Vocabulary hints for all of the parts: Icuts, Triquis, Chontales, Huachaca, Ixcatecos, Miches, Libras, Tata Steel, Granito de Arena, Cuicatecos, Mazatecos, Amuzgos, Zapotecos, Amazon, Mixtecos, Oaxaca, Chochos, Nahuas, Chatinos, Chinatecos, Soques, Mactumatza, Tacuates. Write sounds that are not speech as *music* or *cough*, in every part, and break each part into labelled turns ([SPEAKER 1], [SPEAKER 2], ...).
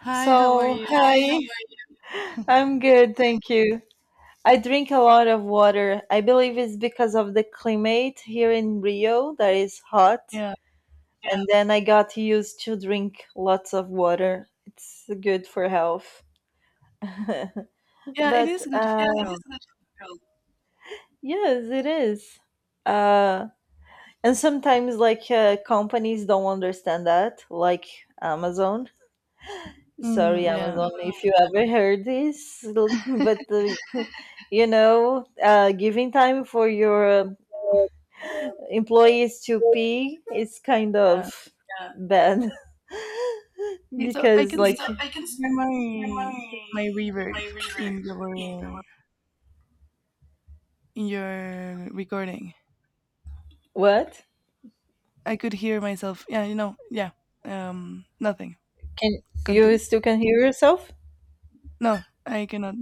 [SPEAKER 1] Hi, how are
[SPEAKER 2] So,
[SPEAKER 1] you?
[SPEAKER 2] hi, I'm good, thank you. I drink a lot of water. I believe it's because of the climate here in Rio that is hot,
[SPEAKER 1] Yeah,
[SPEAKER 2] and then I got used to drink lots of water. It's good for health. *laughs*
[SPEAKER 1] yeah, it
[SPEAKER 2] But
[SPEAKER 1] is good for girls.
[SPEAKER 2] yes, it is. Uh, and sometimes, like, companies don't understand that, like Amazon. Sorry,
[SPEAKER 1] Mm, yeah,
[SPEAKER 2] Amazon, if you ever heard this, *laughs* but uh, giving time for your employees to pee is kind
[SPEAKER 1] yeah.
[SPEAKER 2] of bad. *laughs*
[SPEAKER 1] Hey,
[SPEAKER 2] Because, like,
[SPEAKER 1] I can hear my reverb in your in your recording.
[SPEAKER 2] what?
[SPEAKER 1] I could hear myself. Yeah, Yeah. Nothing.
[SPEAKER 2] Can you
[SPEAKER 1] Continue.
[SPEAKER 2] still can hear yourself?
[SPEAKER 1] No, I cannot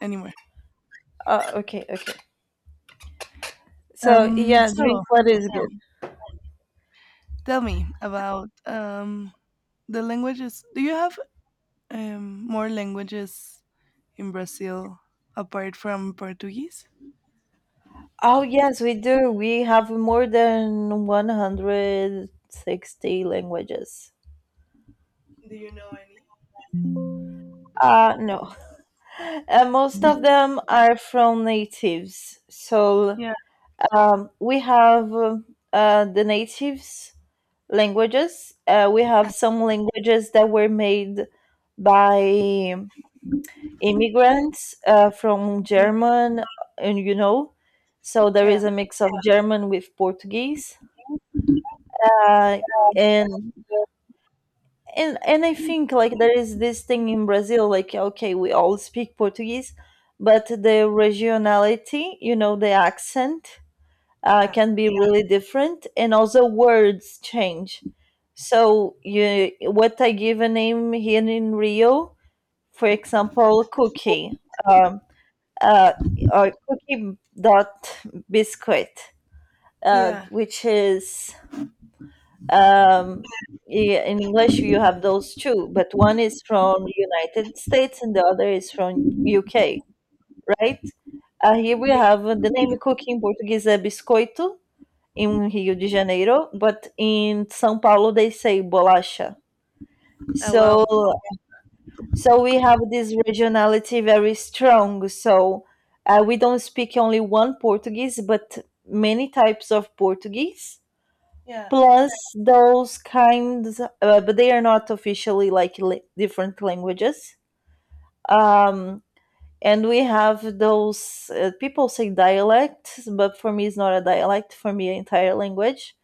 [SPEAKER 1] anymore.
[SPEAKER 2] Oh, okay, okay. So
[SPEAKER 1] Um,
[SPEAKER 2] yeah, drink
[SPEAKER 1] so
[SPEAKER 2] water is
[SPEAKER 1] yeah,
[SPEAKER 2] good.
[SPEAKER 1] tell me about the languages. Do you have more languages in Brazil apart from Portuguese?
[SPEAKER 2] Oh yes, we do. We have more than 160 languages.
[SPEAKER 1] Do you know any?
[SPEAKER 2] No, most of them are from natives. So
[SPEAKER 1] Yeah.
[SPEAKER 2] We have the natives languages. We have some languages that were made by immigrants from German, and you know, so there
[SPEAKER 1] Yeah.
[SPEAKER 2] is a mix of German with Portuguese. Uh, and and I think like there is this thing in Brazil, like okay, we all speak Portuguese, but the regionality, you know, the accent
[SPEAKER 1] Yeah.
[SPEAKER 2] can be, yeah, really different, and also words change. So you what I give a name here in Rio, for example, cookie, um, uh, or cookie dot biscuit,
[SPEAKER 1] Yeah.
[SPEAKER 2] which is, um, i- in English you have those two, but one is from United States and the other is from UK, right? Here we
[SPEAKER 1] Yeah.
[SPEAKER 2] have the name cookie. In Portuguese é biscoito in Rio de Janeiro, but in São Paulo they say bolacha.
[SPEAKER 1] Oh
[SPEAKER 2] So
[SPEAKER 1] wow.
[SPEAKER 2] so we have this regionality very strong. So we don't speak only one Portuguese, but many types of Portuguese.
[SPEAKER 1] Yeah.
[SPEAKER 2] Plus those kinds, but they are not officially like different languages. Um, and we have those, people say dialects, but for me it's not a dialect. For me, entire language.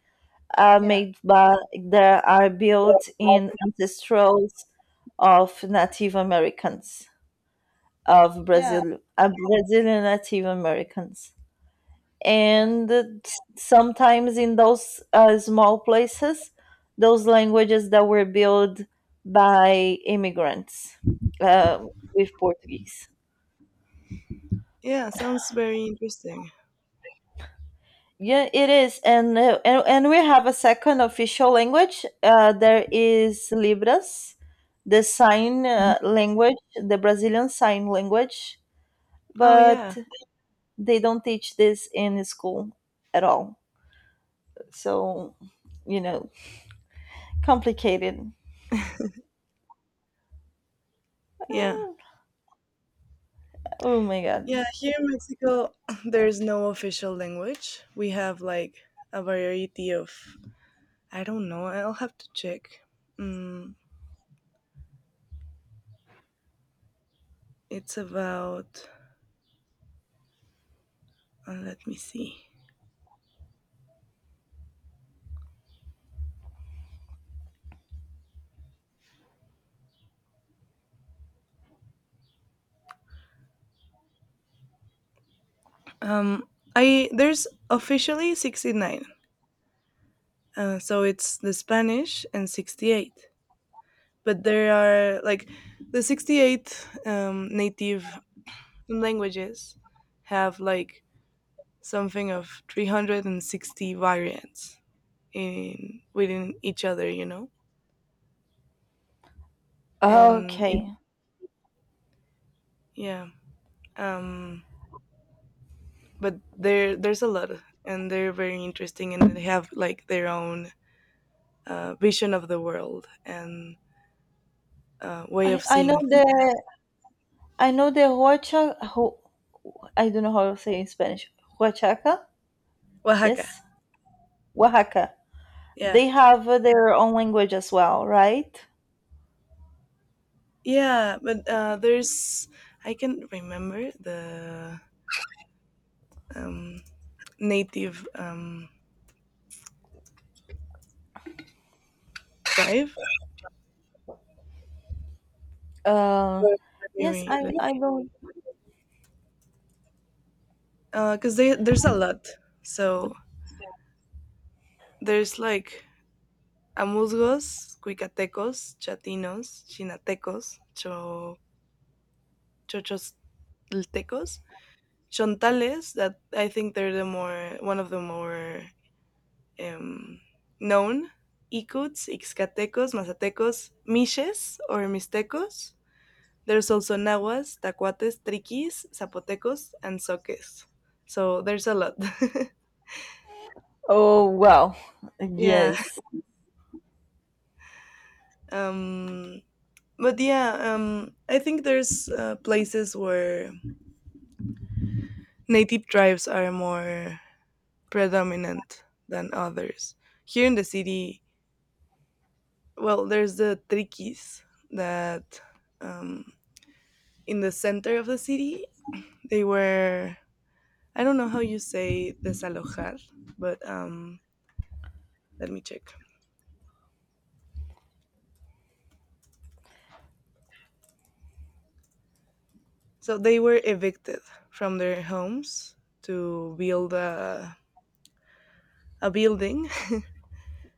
[SPEAKER 2] Are
[SPEAKER 1] Yeah.
[SPEAKER 2] made by, they are built in ancestrals of Native Americans of
[SPEAKER 1] Yeah.
[SPEAKER 2] Brazil, Brazilian Native Americans,
[SPEAKER 1] Yeah.
[SPEAKER 2] and t- sometimes in those small places, those languages that were built by immigrants, uh, with Portuguese.
[SPEAKER 1] Yeah. Sounds very interesting.
[SPEAKER 2] Yeah, it is, and we have a second official language. There is Libras, the sign language, the Brazilian sign language,
[SPEAKER 1] Oh yeah.
[SPEAKER 2] but they don't teach this in school at all. So, you know, complicated.
[SPEAKER 1] Yeah.
[SPEAKER 2] Oh my god.
[SPEAKER 1] Yeah. Here in Mexico, *laughs* *clears throat* there's no official language. We have like a variety of. I don't know. I'll have to check. Mm, it's about. Let me see. Um, I there's officially 69. So it's the Spanish and 68, but there are like the 68 native languages, have like something of 360 variants in within each other. and it,
[SPEAKER 2] Okay,
[SPEAKER 1] yeah, um but there's a lot, and they're very interesting and they have like their own vision of the world, and way
[SPEAKER 2] I
[SPEAKER 1] of
[SPEAKER 2] I know
[SPEAKER 1] seeing
[SPEAKER 2] the,
[SPEAKER 1] things.
[SPEAKER 2] I know the huacha. Hu, I don't know how to say in Spanish. Huachaca,
[SPEAKER 1] Oaxaca,
[SPEAKER 2] yes, Oaxaca.
[SPEAKER 1] yeah.
[SPEAKER 2] They have their own language as well, right?
[SPEAKER 1] Yeah, but there's, I can remember the um, native, drive.
[SPEAKER 2] Uh,
[SPEAKER 1] Let me
[SPEAKER 2] yes,
[SPEAKER 1] re-
[SPEAKER 2] I,
[SPEAKER 1] let
[SPEAKER 2] I
[SPEAKER 1] me-
[SPEAKER 2] don't.
[SPEAKER 1] cause there's a lot. So there's like Amuzgos, Cuicatecos, Chatinos, Chinatecos, Chochos, Chontales. That I think they're the more one of the more um, known. Icuts, Ixcatecos, Mazatecos, Miches or Mixtecos. There's also Nahuas, Tacuates, Triquis, Zapotecos, and Soques. So there's a lot.
[SPEAKER 2] Oh, wow.
[SPEAKER 1] *laughs* Yeah.
[SPEAKER 2] Yes.
[SPEAKER 1] Um, but yeah, I think there's places where native tribes are more predominant than others. Here in the city, well, there's the Triquis that, um, in the center of the city, they were, I don't know how you say desalojar, but let me check. So they were evicted from their homes to build a building,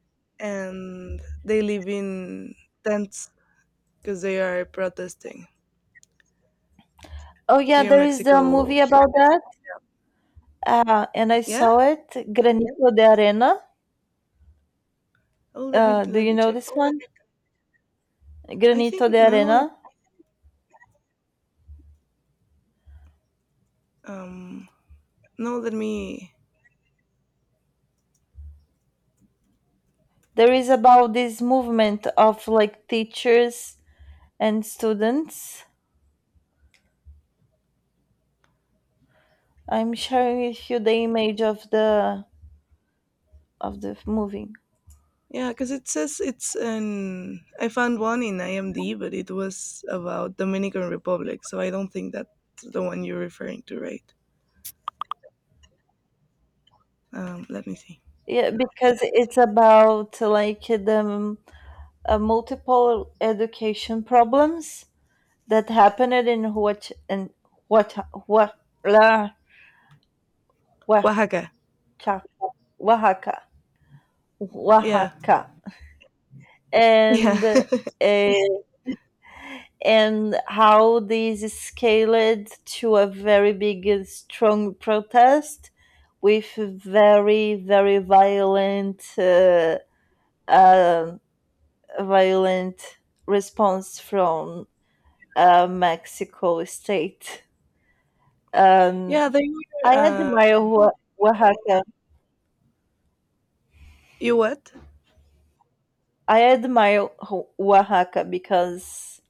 [SPEAKER 1] *laughs* and they live in tents because they are protesting
[SPEAKER 2] Oh, yeah,
[SPEAKER 1] here in
[SPEAKER 2] there is the
[SPEAKER 1] Mexico.
[SPEAKER 2] movie about that. And I
[SPEAKER 1] Yeah.
[SPEAKER 2] saw it, Granito de Arena.
[SPEAKER 1] Oh,
[SPEAKER 2] Do
[SPEAKER 1] let
[SPEAKER 2] you
[SPEAKER 1] me
[SPEAKER 2] know
[SPEAKER 1] check.
[SPEAKER 2] this one?
[SPEAKER 1] I think
[SPEAKER 2] Granito de
[SPEAKER 1] no,
[SPEAKER 2] Arena.
[SPEAKER 1] I um no, let me.
[SPEAKER 2] There is about this movement of like teachers and students. I'm sharing with you the image of the movie.
[SPEAKER 1] Yeah, because it says it's an. I found one in IMD, but it was about Dominican Republic, so I don't think that's the one you're referring to, right? Let me see.
[SPEAKER 2] Yeah, because it's about like the multiple education problems that happened in Huach in what what Oaxaca,
[SPEAKER 1] Oaxaca.
[SPEAKER 2] Oaxaca,
[SPEAKER 1] Yeah,
[SPEAKER 2] Oaxaca,
[SPEAKER 1] yeah.
[SPEAKER 2] and
[SPEAKER 1] *laughs*
[SPEAKER 2] and how these scaled to a very big, strong protest with very very violent uh, violent response from Mexico State. Um,
[SPEAKER 1] Yeah,
[SPEAKER 2] I
[SPEAKER 1] were, um
[SPEAKER 2] admire Oaxaca.
[SPEAKER 1] you what?
[SPEAKER 2] I admire Oaxaca because,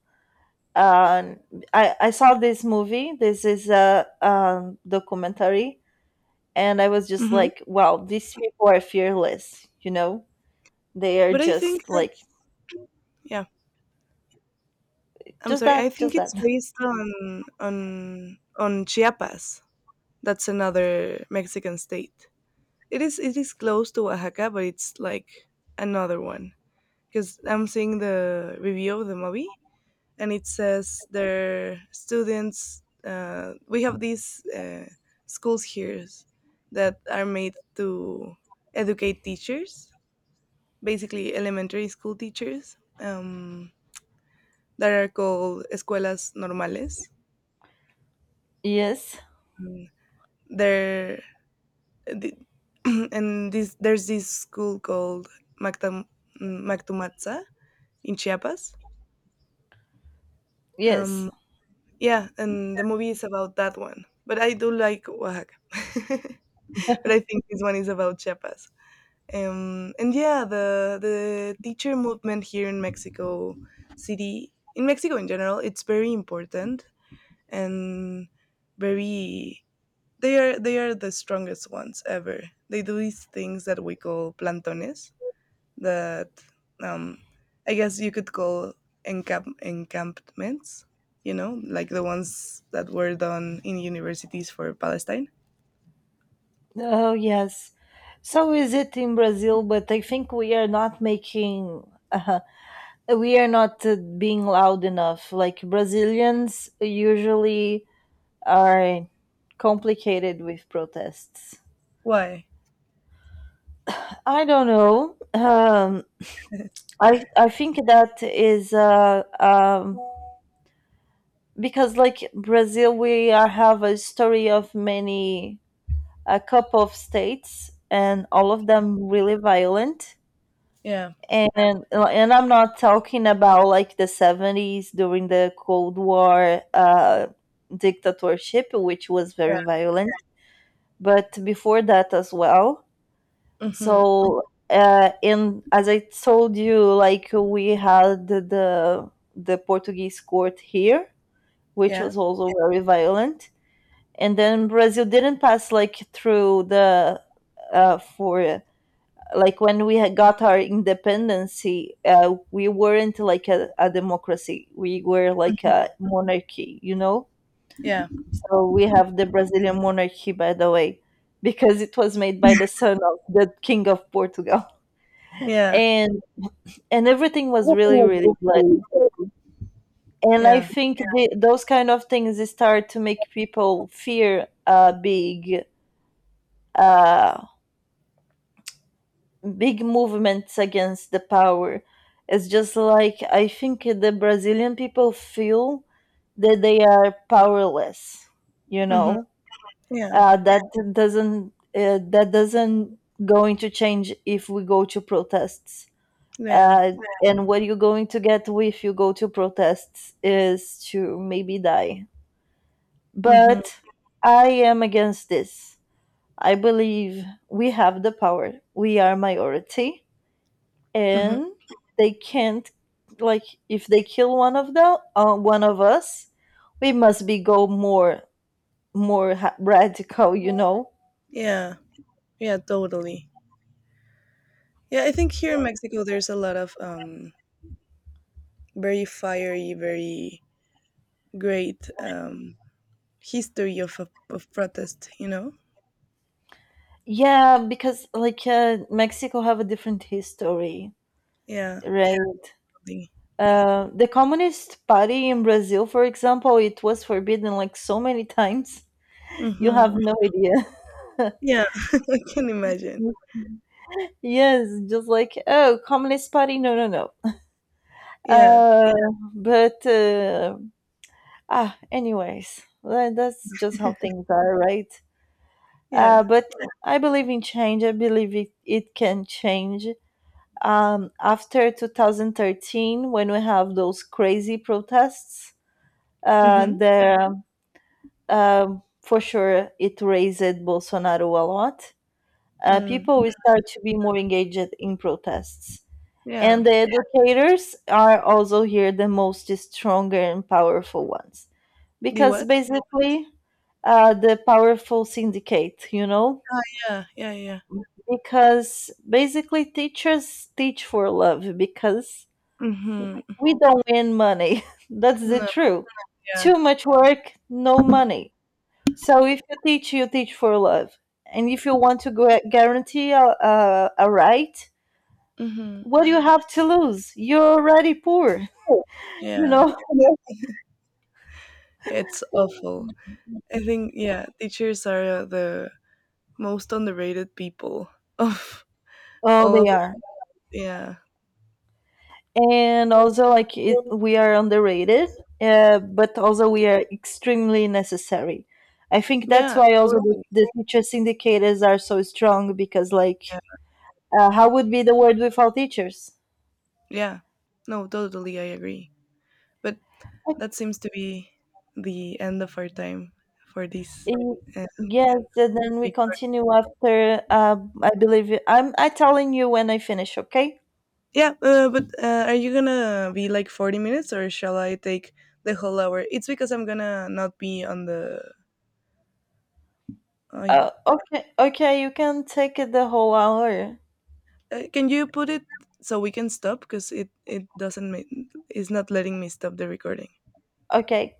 [SPEAKER 2] um, I saw this movie. This is a documentary, and I was just
[SPEAKER 1] Mhm.
[SPEAKER 2] like, wow, these people are fearless. You know, they are
[SPEAKER 1] But I think
[SPEAKER 2] just like
[SPEAKER 1] that's, yeah. I'm
[SPEAKER 2] just
[SPEAKER 1] sorry. I
[SPEAKER 2] that,
[SPEAKER 1] think
[SPEAKER 2] just that.
[SPEAKER 1] it's based on Chiapas. That's another Mexican state. It is close to Oaxaca, but it's like another one. Because I'm seeing the review of the movie, and it says their students. We have these schools here that are made to educate teachers, basically elementary school teachers, that are called escuelas normales.
[SPEAKER 2] Yes,
[SPEAKER 1] Mm. They're the, *clears throat* and this there's this school called Mactam, Mactumatza in Chiapas.
[SPEAKER 2] yes,
[SPEAKER 1] Um, yeah, and the movie is about that one. But I do like Oaxaca. *laughs* But I think this one is about Chiapas. And yeah, the teacher movement here in Mexico City, in Mexico in general, it's very important and very, they are the strongest ones ever. They do these things that we call plantones that um I guess you could call encampments, you know, like the ones that were done in universities for Palestine.
[SPEAKER 2] oh yes. So is it in Brazil? But I think we are not making. We are not being loud enough. Like Brazilians usually are complicated with protests.
[SPEAKER 1] Why?
[SPEAKER 2] I don't know. I think that is because like Brazil, we have a story of many, a couple of states, and all of them really violent.
[SPEAKER 1] Yeah.
[SPEAKER 2] And I'm not talking about like the 70s during the Cold War dictatorship, which was
[SPEAKER 1] Yeah.
[SPEAKER 2] very violent, but before that as well.
[SPEAKER 1] Mhm.
[SPEAKER 2] So, and as I told you, like we had the Portuguese court here, which
[SPEAKER 1] Yeah.
[SPEAKER 2] was also very violent. And then Brazil didn't pass like through the for like when we had got our independency, we weren't like a democracy. We were like a monarchy, you know.
[SPEAKER 1] Yeah.
[SPEAKER 2] So we have the Brazilian monarchy, by the way, because it was made by the son of the king of Portugal.
[SPEAKER 1] Yeah.
[SPEAKER 2] And and everything was really really bloody, and I
[SPEAKER 1] Yeah.
[SPEAKER 2] think the, those kind of things start to make people fear uh, big movements against the power. It's just like I think the Brazilian people feel that they are powerless, you
[SPEAKER 1] Mhm.
[SPEAKER 2] know,
[SPEAKER 1] Yeah.
[SPEAKER 2] uh, that that doesn't going to change if we go to protests,
[SPEAKER 1] Yeah.
[SPEAKER 2] uh, and what you're going to get if you go to protests is to maybe die.
[SPEAKER 1] Mhm.
[SPEAKER 2] But I am against this. I believe we have the power. We are minority,
[SPEAKER 1] Mhm.
[SPEAKER 2] and they can't. Like, if they kill one of the one of us, we must be go more, more, radical. You know?
[SPEAKER 1] Yeah. Yeah, totally. Yeah, I think here in Mexico there's a lot of very fiery, very great, history of of protest, you know?
[SPEAKER 2] Yeah, because like, Mexico have a different history,
[SPEAKER 1] Yeah.
[SPEAKER 2] right? The Communist Party in Brazil, for example, it was forbidden like so many times. *laughs* You have
[SPEAKER 1] Mhm.
[SPEAKER 2] no idea. *laughs*
[SPEAKER 1] Yeah, *laughs* I can imagine.
[SPEAKER 2] Yes, just like oh, Communist Party, no, no, no.
[SPEAKER 1] Yeah.
[SPEAKER 2] Uh, but uh, anyways, that's just how things are, right?
[SPEAKER 1] Yeah.
[SPEAKER 2] But I believe in change. I believe it, it can change. After 2013, when we have those crazy protests,
[SPEAKER 1] Mhm.
[SPEAKER 2] the for sure it raised Bolsonaro a lot.
[SPEAKER 1] Mm.
[SPEAKER 2] People will start to be more engaged in protests.
[SPEAKER 1] Yeah.
[SPEAKER 2] And the educators are also here the most stronger and powerful ones.
[SPEAKER 1] The
[SPEAKER 2] Because
[SPEAKER 1] what?
[SPEAKER 2] basically, the powerful syndicate, you know?
[SPEAKER 1] Ah, yeah. Yeah, yeah.
[SPEAKER 2] Because basically, teachers teach for love because
[SPEAKER 1] Mhm.
[SPEAKER 2] we don't win money. *laughs* That's the
[SPEAKER 1] No,
[SPEAKER 2] truth.
[SPEAKER 1] yeah.
[SPEAKER 2] Too much work, no money. So if you teach, you teach for love, and if you want to guarantee a right,
[SPEAKER 1] Mhm.
[SPEAKER 2] what do you have to lose? You're already poor, *laughs*
[SPEAKER 1] Yeah.
[SPEAKER 2] you know.
[SPEAKER 1] Yeah, it's awful. I think, yeah, teachers are the most underrated people of
[SPEAKER 2] Oh,
[SPEAKER 1] all
[SPEAKER 2] they
[SPEAKER 1] of,
[SPEAKER 2] are,
[SPEAKER 1] yeah.
[SPEAKER 2] and also like it, we are underrated, but also we are extremely necessary. I think that's
[SPEAKER 1] Yeah,
[SPEAKER 2] why also
[SPEAKER 1] totally.
[SPEAKER 2] the teacher syndicators are so strong, because
[SPEAKER 1] Yeah.
[SPEAKER 2] like, how would be the world without teachers?
[SPEAKER 1] Yeah. No, totally I agree. But that seems to be the end of our time for this,
[SPEAKER 2] Y-
[SPEAKER 1] uh,
[SPEAKER 2] Yes, and then we
[SPEAKER 1] big.
[SPEAKER 2] continue after. I believe you- I'm. I telling you when I finish. Okay.
[SPEAKER 1] Yeah, but are you gonna be like 40 minutes or shall I take the whole hour? It's because I'm gonna not be on the. I,
[SPEAKER 2] Okay. Okay. You can take it the whole hour.
[SPEAKER 1] can you put it so we can stop? Because it doesn't. It's not letting me stop the recording.
[SPEAKER 2] Okay.